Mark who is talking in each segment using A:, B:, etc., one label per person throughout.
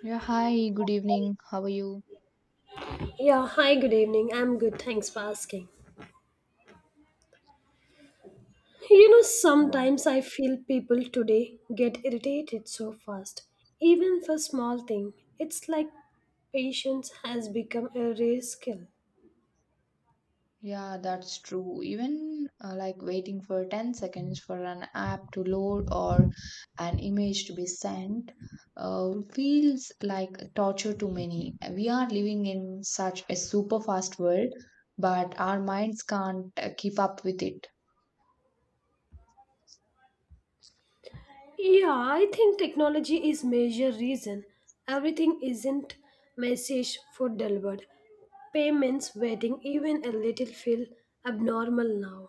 A: Yeah, hi, good evening. How are you?
B: Yeah, hi, good evening. I'm good, thanks for asking. You know,
A: Yeah.
B: sometimes I feel people today get irritated so fast, even for small thing. It's like patience has become a rare skill.
A: Yeah, that's true. Even like waiting for 10 seconds for an app to load or an image to be sent feels like torture to many. We are living in such a super fast world, but our minds can't keep up with it.
B: Yeah, I think technology is major reason. Everything isn't message for delivered. Payments waiting even a little feel abnormal now.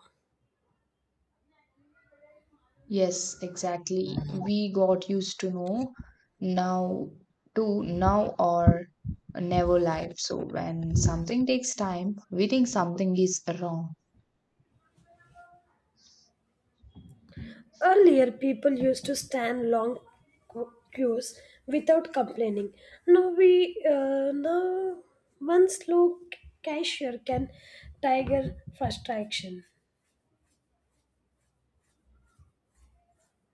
A: Yes, exactly. We got used to know now to now or never life. So when something takes time, we think something is wrong.
B: Earlier, people used to stand long queues without complaining. Now we now one slow cashier can tiger fast action.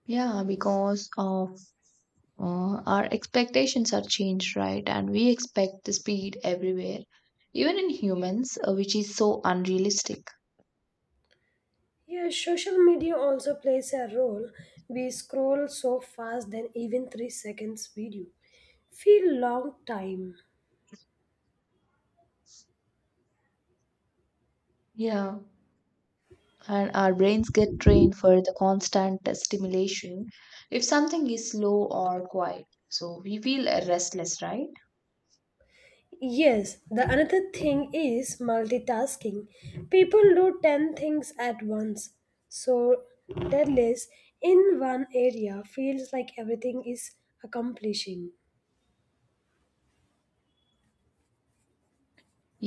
A: Yeah, because of our expectations are changed, right? And we expect the speed everywhere, even in humans, which is so unrealistic.
B: Yeah, social media also plays a role. We scroll so fast that even 3 seconds video feel long time.
A: Yeah, and our brains get trained for the constant stimulation. If something is slow or quiet, so we feel restless, right?
B: Yes, the another thing is multitasking. People do 10 things at once. So, deadlifts in one area feels like everything is accomplishing.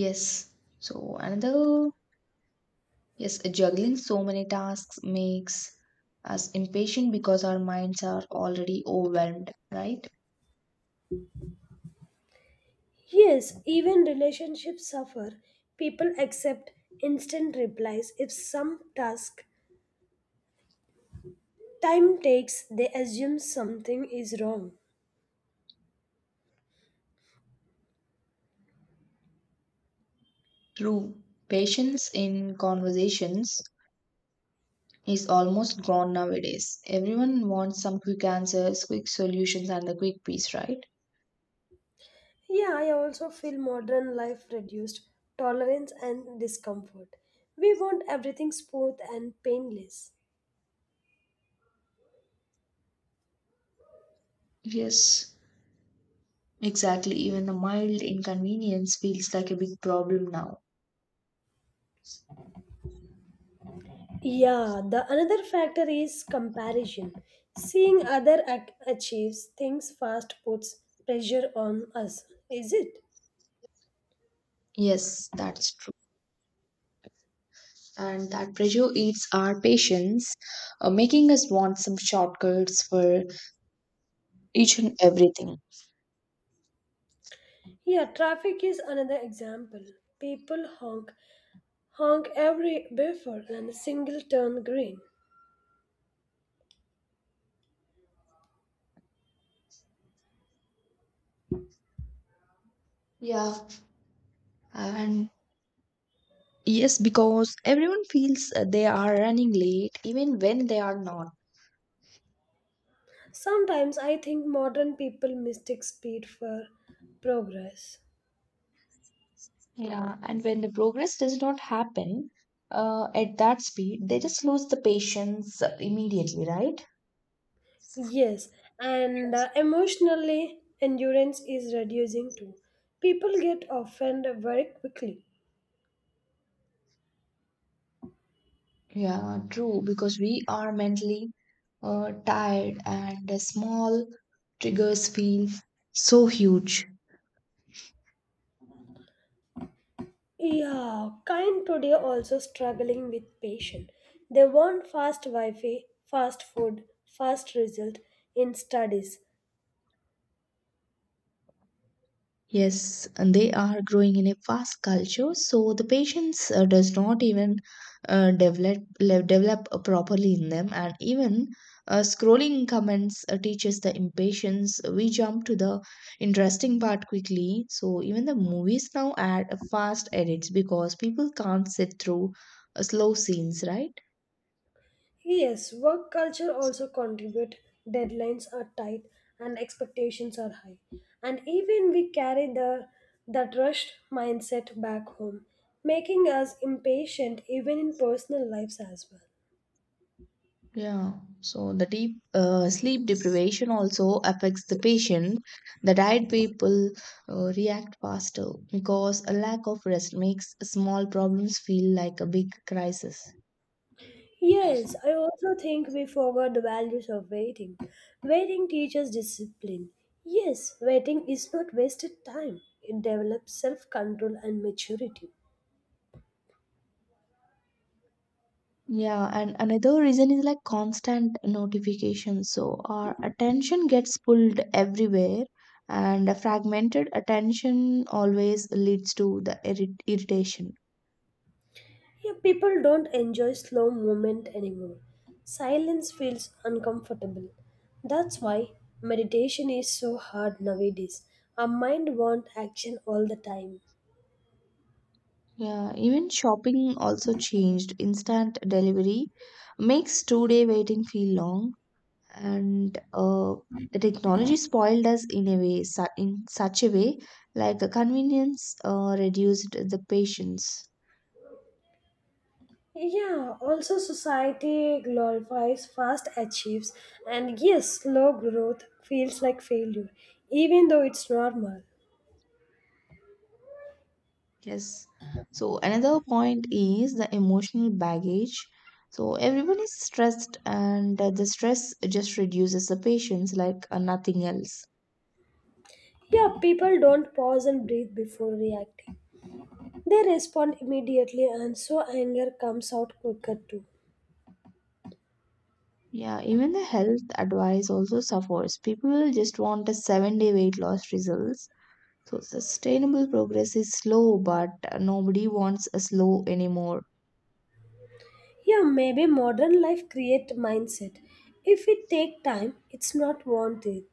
A: Yes, so another, yes, juggling so many tasks makes us impatient because our minds are already overwhelmed, right?
B: Yes, even relationships suffer. People accept instant replies if some task time takes, they assume something is wrong.
A: True, patience in conversations is almost gone nowadays. Everyone wants some quick answers, quick solutions, and the quick peace, right?
B: Yeah, I also feel modern life reduced tolerance and discomfort. We want everything smooth and painless.
A: Yes, exactly, even the mild inconvenience feels like a big problem now.
B: Yeah, the another factor is comparison. Seeing other achieves things fast puts pressure on us. Is it?
A: Yes, that's true. And that pressure eats our patience, making us want some shortcuts for each and everything.
B: Yeah, traffic is another example. People honk, honk every before and a single turn green.
A: Yeah, and yes, because everyone feels they are running late, even when they are not.
B: Sometimes I think modern people mistake speed for progress.
A: Yeah, and when the progress does not happen at that speed, they just lose the patience immediately, right?
B: Yes, and emotionally, endurance is reducing too. People get offended very quickly.
A: Yeah, true, because we are mentally tired and the small triggers feel so huge.
B: Yeah, kind today also struggling with patience. They want fast Wi Fi, fast food, fast result in studies.
A: Yes, and they are growing in a fast culture, so the patience does not even develop properly in them, and even scrolling comments teaches the impatience. We jump to the interesting part quickly, so even the movies now add fast edits because people can't sit through slow scenes, right?
B: Yes, work culture also contribute. Deadlines are tight and expectations are high. And even we carry the that rushed mindset back home, making us impatient even in personal lives as well.
A: Yeah. So the deep sleep deprivation also affects the patient. The tired people react faster because a lack of rest makes small problems feel like a big crisis.
B: Yes, I also think we forgot the values of waiting. Waiting teaches discipline. Yes, waiting is not wasted time. It develops self-control and maturity.
A: Yeah, and another reason is like constant notification. So our attention gets pulled everywhere, and a fragmented attention always leads to the irritation.
B: Yeah, people don't enjoy slow movement anymore. Silence feels uncomfortable. That's why meditation is so hard nowadays. Our mind wants action all the time.
A: Yeah, even shopping also changed. Instant delivery makes two-day waiting feel long, and the technology spoiled us in a way, in such a way, like a convenience reduced the patience.
B: Yeah, also society glorifies fast achieves and yes, slow growth feels like failure, even though it's normal.
A: Yes. So another point is the emotional baggage. So everyone is stressed, and the stress just reduces the patience like nothing else.
B: Yeah, people don't pause and breathe before reacting. They respond immediately and so anger comes out quicker too.
A: Yeah, even the health advice also suffers. People just want a 7-day weight loss results. So sustainable progress is slow, but nobody wants a slow anymore.
B: Yeah, maybe modern life create mindset. If it take time, it's not want it.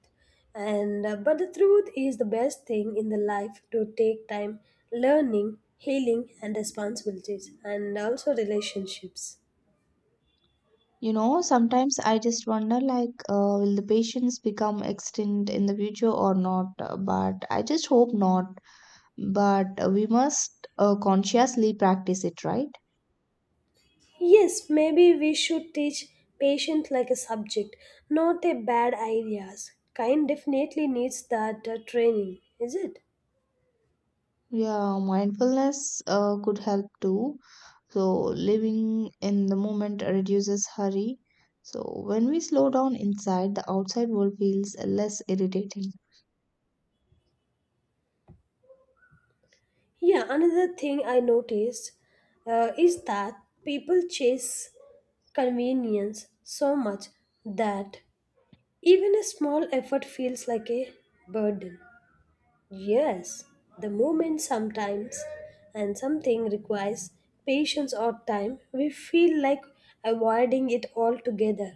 B: And but the truth is the best thing in the life to take time learning, healing and responsibilities and also relationships.
A: You know, sometimes I just wonder like, will the patients become extinct in the future or not? But I just hope not. But we must consciously practice it, right?
B: Yes, maybe we should teach patient like a subject, not a bad ideas. Kind definitely needs that training, is it?
A: Yeah, mindfulness could help too. So, living in the moment reduces hurry. So, when we slow down inside, the outside world feels less irritating.
B: Yeah, another thing I noticed is that people chase convenience so much that even a small effort feels like a burden. Yes, the moment sometimes and something requires patience or time, we feel like avoiding it altogether.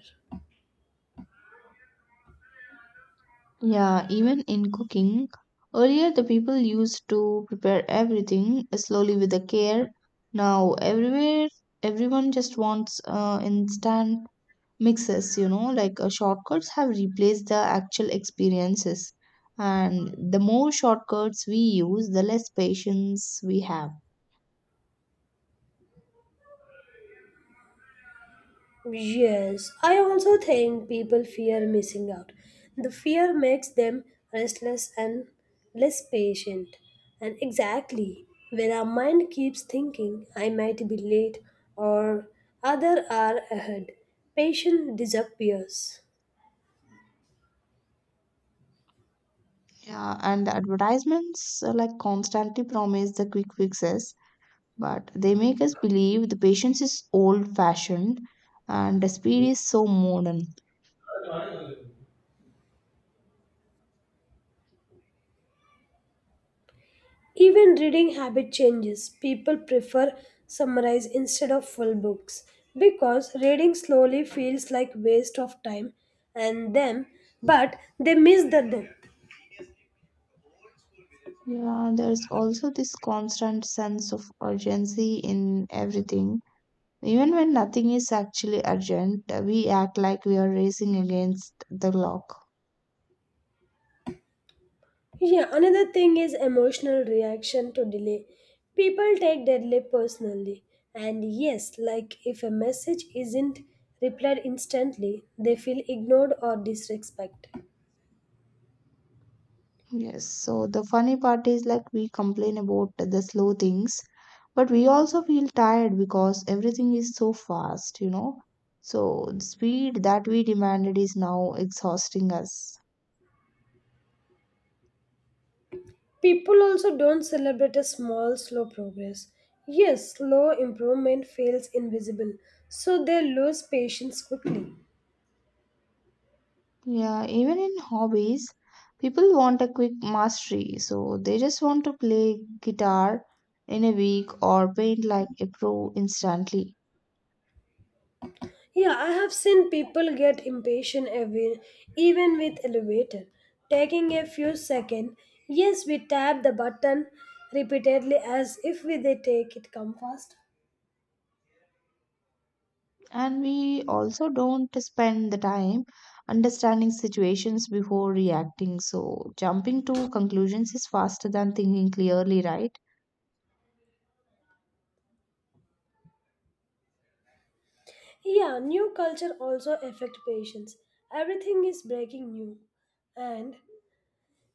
A: Yeah, even in cooking, earlier the people used to prepare everything slowly with the care. Now, everywhere, everyone just wants instant mixes, you know, like shortcuts have replaced the actual experiences. And the more shortcuts we use, the less patience we have.
B: Yes, I also think people fear missing out. The fear makes them restless and less patient. And exactly, when our mind keeps thinking, I might be late or other are ahead, patience disappears.
A: Yeah, and the advertisements like constantly promise the quick fixes, but they make us believe the patience is old-fashioned and the speed is so modern.
B: Even reading habit changes. People prefer summarize instead of full books because reading slowly feels like waste of time and them but they miss the depth.
A: Yeah, there's also this constant sense of urgency in everything. Even when nothing is actually urgent, we act like we are racing against the clock.
B: Yeah, another thing is emotional reaction to delay. People take delay personally. And yes, like if a message isn't replied instantly, they feel ignored or disrespected.
A: Yes, so the funny part is like we complain about the slow things, but we also feel tired because everything is so fast. So the speed that we demanded is now exhausting us.
B: People also don't celebrate a small, slow progress. Yes, slow improvement feels invisible, so they lose patience quickly.
A: Yeah, even in hobbies, people want a quick mastery, so they just want to play guitar in a week or paint like a pro instantly.
B: Yeah, I have seen people get impatient even with elevator, taking a few seconds. Yes, we tap the button repeatedly as if we they take it come fast.
A: And we also don't spend the time understanding situations before reacting, so jumping to conclusions is faster than thinking clearly, right?
B: Yeah, new culture also affect patients. Everything is breaking new, and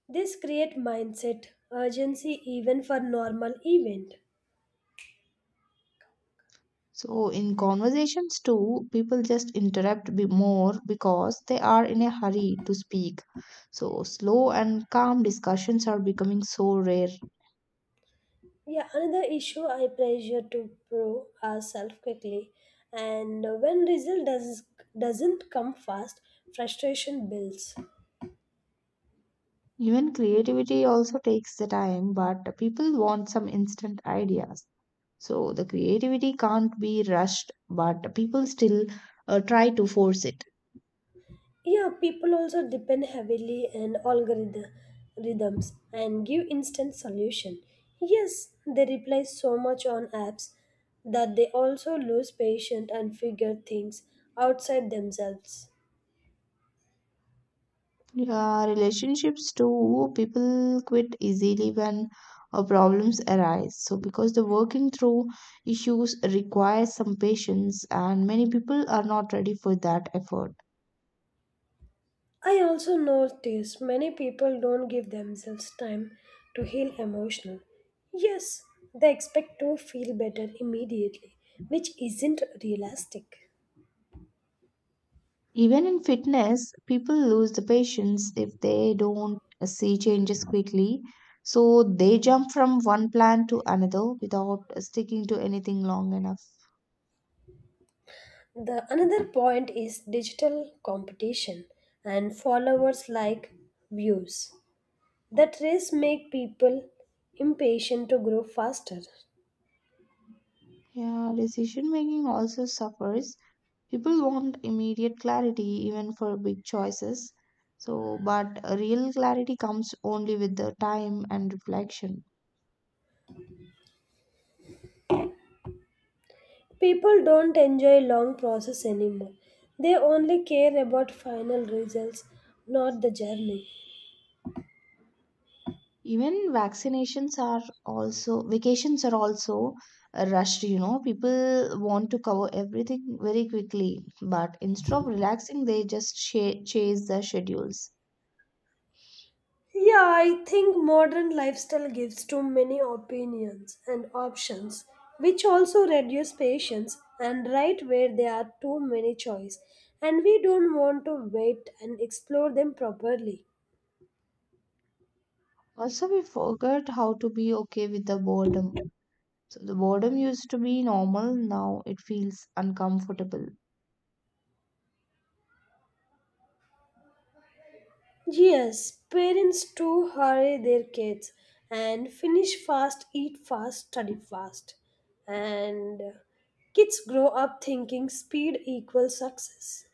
B: this create mindset urgency even for normal event.
A: So in conversations too, people just interrupt be more because they are in a hurry to speak, so slow and calm discussions are becoming so rare.
B: Yeah, another issue I pressure to prove ourselves quickly, and when result doesn't come fast, frustration builds.
A: Even creativity also takes the time, but people want some instant ideas. So the creativity can't be rushed, but people still try to force it.
B: Yeah, people also depend heavily on algorithm rhythms and give instant solution. Yes, they rely so much on apps that they also lose patience and figure things outside themselves.
A: Yeah, relationships too, people quit easily when problems arise. So because the working through issues requires some patience, and many people are not ready for that effort.
B: I also notice many people don't give themselves time to heal emotional. Yes, they expect to feel better immediately, which isn't realistic.
A: Even in fitness, people lose the patience if they don't see changes quickly. So they jump from one plan to another without sticking to anything long enough.
B: The another point is digital competition and followers like views. The race make people impatient to grow faster.
A: Yeah, decision making also suffers. People want immediate clarity even for big choices. So, but real clarity comes only with the time and reflection.
B: People don't enjoy long process anymore. They only care about final results, not the journey.
A: Even vaccinations are also vacations are also rushed, you know, people want to cover everything very quickly, but instead of relaxing they just chase the schedules.
B: Yeah, I think modern lifestyle gives too many opinions and options, which also reduce patience and right where there are too many choice, and we don't want to wait and explore them properly.
A: Also we forgot how to be okay with the boredom, so the boredom used to be normal, now it feels uncomfortable.
B: Yes, parents too hurry their kids and finish fast, eat fast, study fast. And kids grow up thinking speed equals success.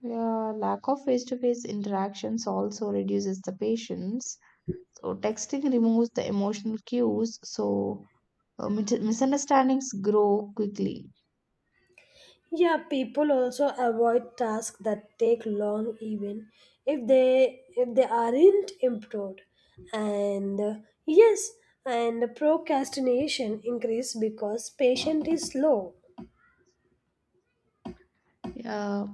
A: Yeah, lack of face to face interactions also reduces the patience. So texting removes the emotional cues, so misunderstandings grow quickly.
B: Yeah, people also avoid tasks that take long even if they aren't improved. And uh, yes, and procrastination increase because patient is slow.
A: Yeah,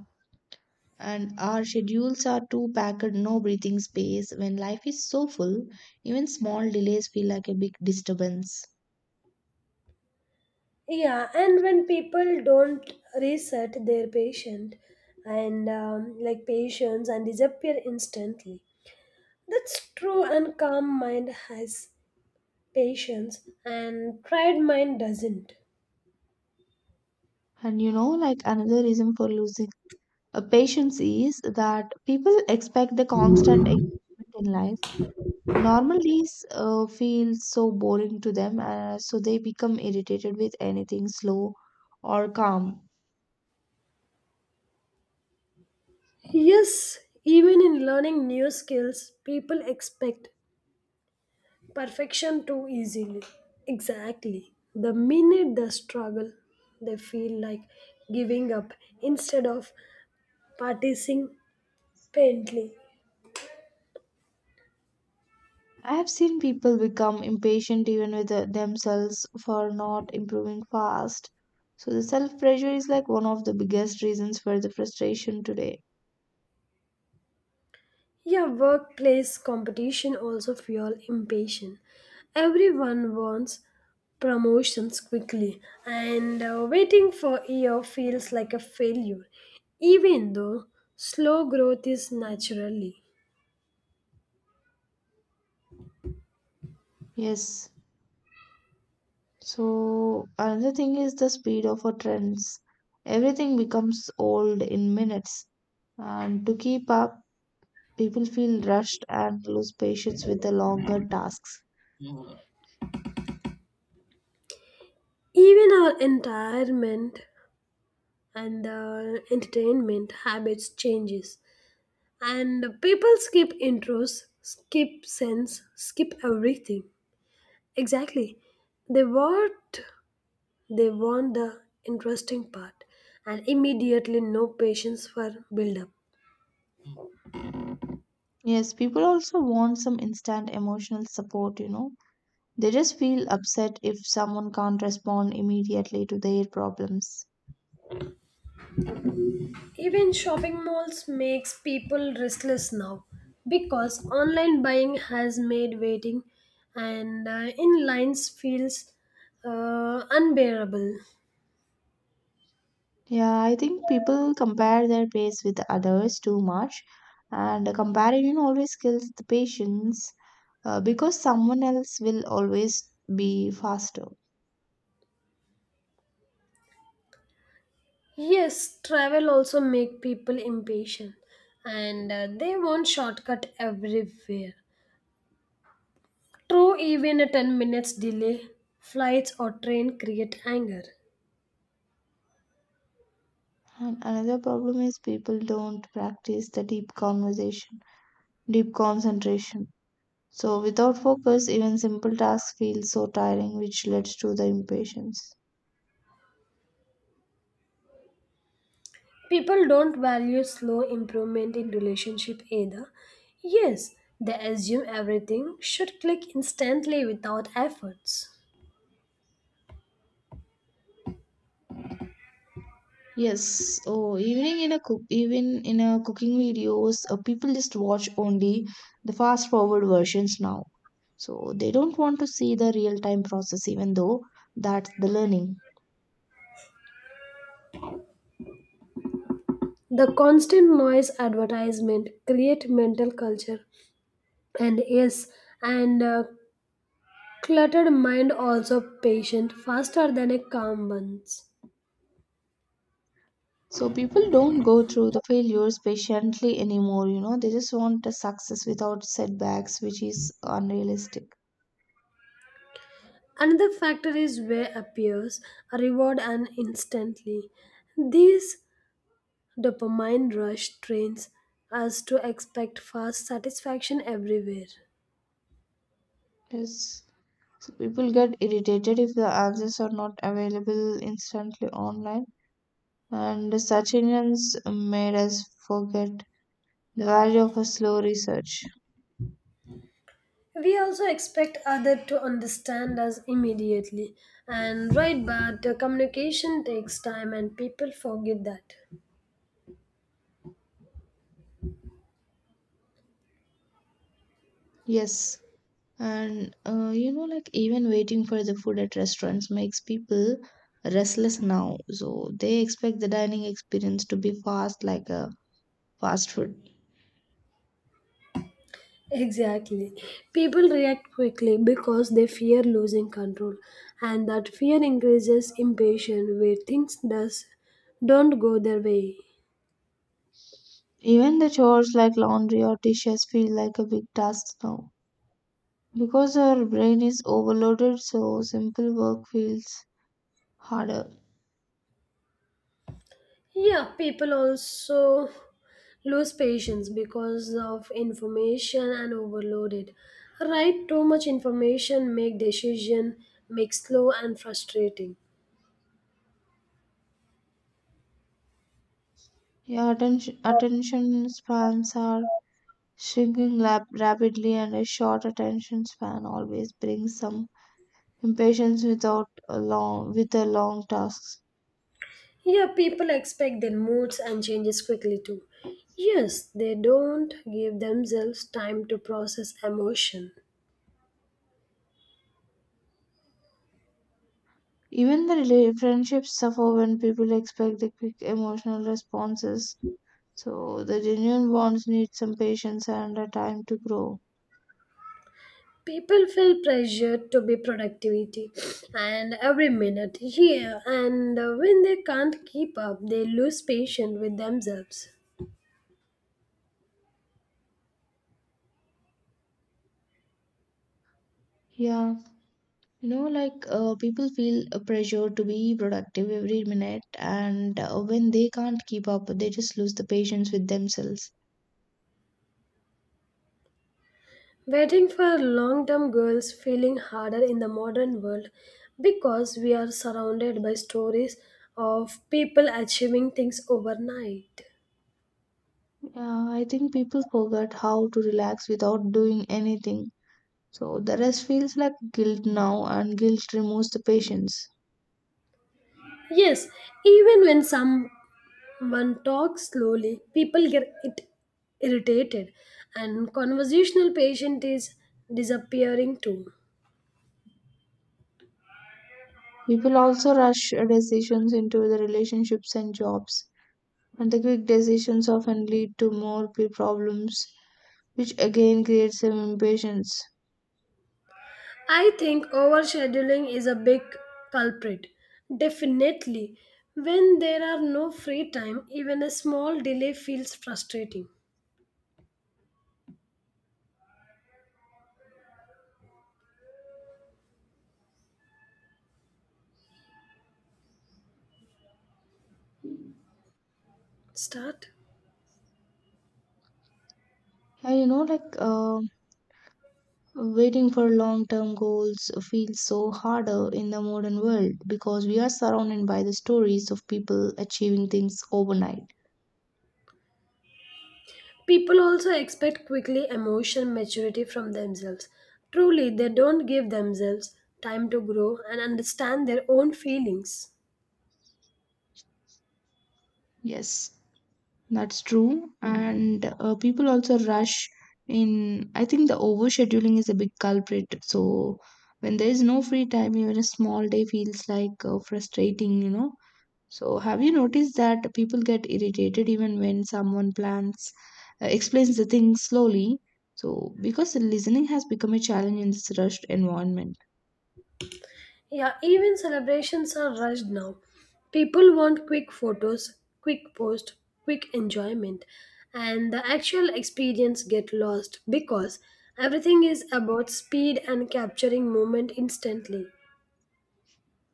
A: and our schedules are too packed, no breathing space. When life is so full, even small delays feel like a big disturbance.
B: Yeah, and when people don't reset their patient and patients and disappear instantly. That's true and calm mind has patience and tried mind doesn't.
A: And you know, like another reason for losing patience is that people expect the constant excitement in life. Normal days feel so boring to them, so they become irritated with anything slow or calm.
B: Yes, even in learning new skills, people expect perfection too easily. Exactly. The minute they struggle, they feel like giving up instead of participating painfully.
A: I have seen people become impatient even with themselves for not improving fast. So the self pressure is like one of the biggest reasons for the frustration today.
B: Yeah, workplace competition also fuel impatience. Everyone wants promotions quickly and waiting for a year feels like a failure even though slow growth is naturally.
A: Yes. So another thing is the speed of our trends. Everything becomes old in minutes. And to keep up, people feel rushed and lose patience with the longer tasks.
B: Even our environment and entertainment habits changes and people skip intros, skip sense, skip everything. Exactly. They want they want the interesting part and immediately no patience for build up.
A: Yes, people also want some instant emotional support, you know. They just feel upset if someone can't respond immediately to their problems.
B: Even shopping malls makes people restless now because online buying has made waiting and in lines feels unbearable.
A: Yeah, I think people compare their pace with others too much, and a comparison always kills the patience because someone else will always be faster.
B: Yes, travel also make people impatient and they want shortcut everywhere. True, even a 10 minutes delay, flights or train create anger.
A: And another problem is people don't practice the deep conversation, deep concentration. So, without focus, even simple tasks feel so tiring, which leads to the impatience.
B: People don't value slow improvement in relationship either. Yes, they assume everything should click instantly without efforts.
A: Yes, oh, even in a cooking videos, people just watch only the fast forward versions now. So they don't want to see the real time process, even though that's the learning.
B: The constant noise advertisement create mental culture and yes and cluttered mind also patient faster than a calm one's.
A: So people don't go through the failures patiently anymore, you know, they just want a success without setbacks, which is unrealistic.
B: Another factor is where appears a reward and instantly. These Dopamine rush trains us to expect fast satisfaction everywhere.
A: Yes. So people get irritated if the answers are not available instantly online, and such ignorance made us forget the value of a slow research.
B: We also expect others to understand us immediately, and right, but the communication takes time, and people forget that.
A: Yes. And you know, like even waiting for the food at restaurants makes people restless now. So they expect the dining experience to be fast, like a fast food.
B: Exactly. People react quickly because they fear losing control, and that fear increases impatience where things does don't go their way.
A: Even the chores like laundry or dishes feel like a big task now. Because our brain is overloaded, so simple work feels harder.
B: Yeah, people also lose patience because of information and overloaded. Right, too much information make decision make slow and frustrating.
A: Yeah, attention spans are shrinking rapidly, and a short attention span always brings some impatience without a long with the long tasks.
B: Yeah, people expect their moods and changes quickly too. Yes, they don't give themselves time to process emotion.
A: Even the friendships suffer when people expect the quick emotional responses. So the genuine bonds need some patience and a time to grow.
B: People feel pressured to be productivity and every minute here and when they can't keep up they lose patience with themselves.
A: Yeah, you know, like people feel a pressure to be productive every minute, and when they can't keep up, they just lose the patience with themselves.
B: Waiting for long term goals feeling harder in the modern world because we are surrounded by stories of people achieving things overnight.
A: Yeah, I think people forget how to relax without doing anything. So the rest feels like guilt now, and guilt removes the patience.
B: Yes, even when someone talks slowly, people get it irritated, and conversational patient is disappearing too.
A: People also rush decisions into the relationships and jobs, and the quick decisions often lead to more problems, which again creates some impatience.
B: I think overscheduling is a big culprit. Definitely. When there are no free time, even a small delay feels frustrating. Start.
A: And you know, like waiting for long term goals feels so harder in the modern world because we are surrounded by the stories of people achieving things overnight.
B: People also expect quickly emotional maturity from themselves. Truly, they don't give themselves time to grow and understand their own feelings.
A: Yes. That's true. And people also rush in. I think the overscheduling is a big culprit. So when there is no free time, even a small day feels like frustrating, you know. So have you noticed that people get irritated even when someone explains the thing slowly? So because listening has become a challenge in this rushed environment.
B: Yeah, even celebrations are rushed now. People want quick photos, quick post, quick enjoyment, and the actual experience get lost because everything is about speed and capturing moment instantly.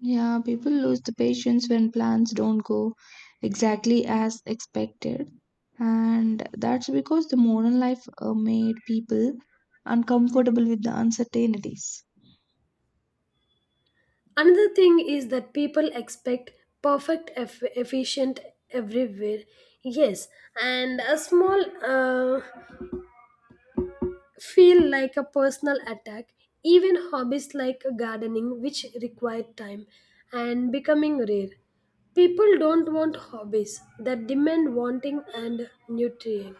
A: Yeah, people lose the patience when plans don't go exactly as expected. And that's because the modern life made people uncomfortable with the uncertainties.
B: Another thing is that people expect perfect, efficient everywhere. Yes, and a small feel like a personal attack. Even hobbies like gardening, which require time and becoming rare. People don't want hobbies that demand wanting and nutrient.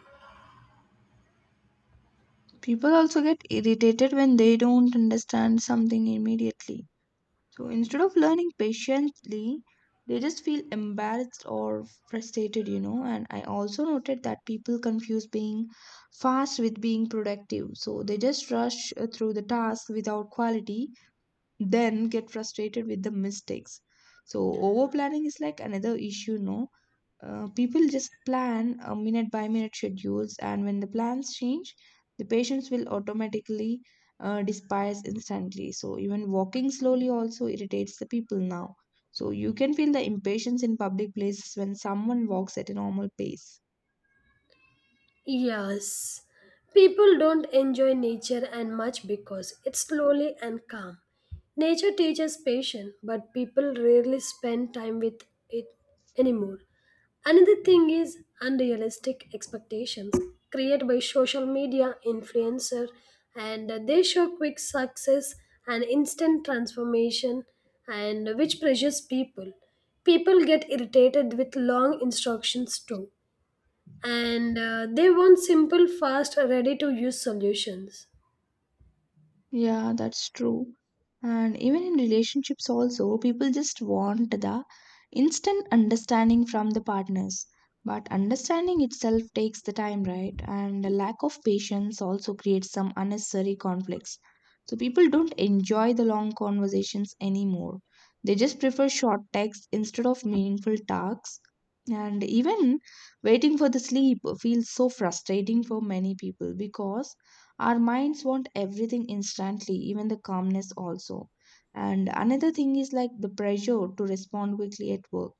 A: People also get irritated when they don't understand something immediately. So instead of learning patiently, they just feel embarrassed or frustrated, you know. And I also noted that people confuse being fast with being productive. So they just rush through the task without quality, then get frustrated with the mistakes. So over planning is like another issue, no, people just plan a minute by minute schedules, and when the plans change, the patients will automatically despise instantly. So even walking slowly also irritates the people now, so you can feel the impatience in public places when someone walks at a normal pace.
B: Yes. People don't enjoy nature and much because it's slowly and calm. Nature teaches patience, but people rarely spend time with it anymore. Another thing is unrealistic expectations created by social media influencer and they show quick success and instant transformation and which pressures people. People get irritated with long instructions too and they want simple, fast, ready to use solutions.
A: Yeah, that's true. And even in relationships, also, people just want the instant understanding from the partners. But understanding itself takes the time, right? And the lack of patience also creates some unnecessary conflicts. So people don't enjoy the long conversations anymore. They just prefer short texts instead of meaningful talks. And even waiting for the sleep feels so frustrating for many people because our minds want everything instantly, even the calmness also. And another thing is like the pressure to respond quickly at work.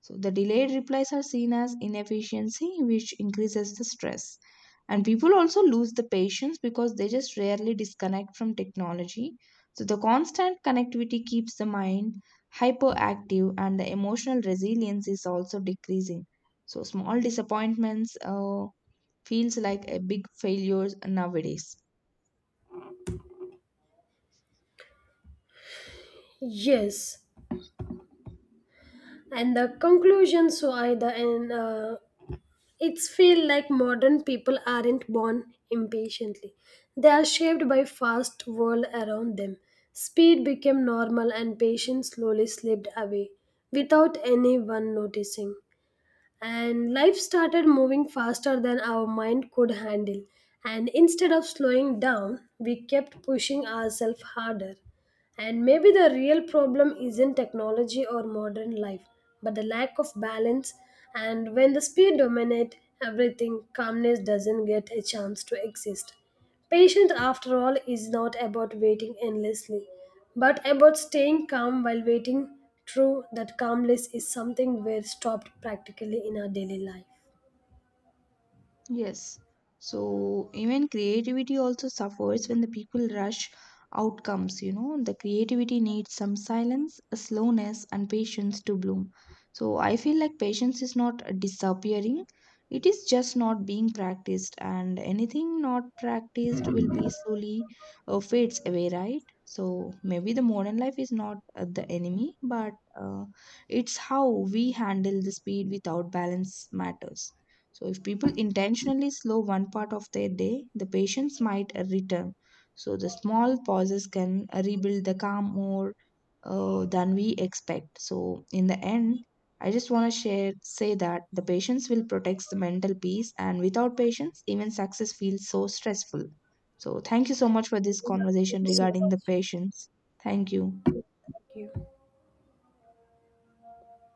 A: So the delayed replies are seen as inefficiency, which increases the stress. And people also lose the patience because they just rarely disconnect from technology. So the constant connectivity keeps the mind hyperactive and the emotional resilience is also decreasing. So small disappointments feels like a big failures nowadays.
B: Yes, and the conclusions why the and it's feel like modern people aren't born impatiently. They are shaped by fast world around them. Speed became normal, and patience slowly slipped away without anyone noticing. And life started moving faster than our mind could handle. And instead of slowing down, we kept pushing ourselves harder. And maybe the real problem isn't technology or modern life, but the lack of balance. And when the speed dominates everything, calmness doesn't get a chance to exist. Patience, after all, is not about waiting endlessly, but about staying calm while waiting. True, that calmness is something we're stopped practically in our daily life.
A: Yes. So even creativity also suffers when the people rush outcomes, you know. The creativity needs some silence, a slowness, and patience to bloom. So I feel like patience is not disappearing, it is just not being practiced, and anything not practiced will be slowly fades away, right? So maybe the modern life is not the enemy, but uh, it's how we handle the speed without balance matters. So, if people intentionally slow one part of their day, the patience might return. So, the small pauses can rebuild the calm more than we expect. So, in the end, I just want to share say that the patience will protect the mental peace, and without patience, even success feels so stressful. So, thank you so much for this
B: Thank
A: conversation
B: you so
A: regarding the
B: much.
A: patience. Thank you.
B: Thank you.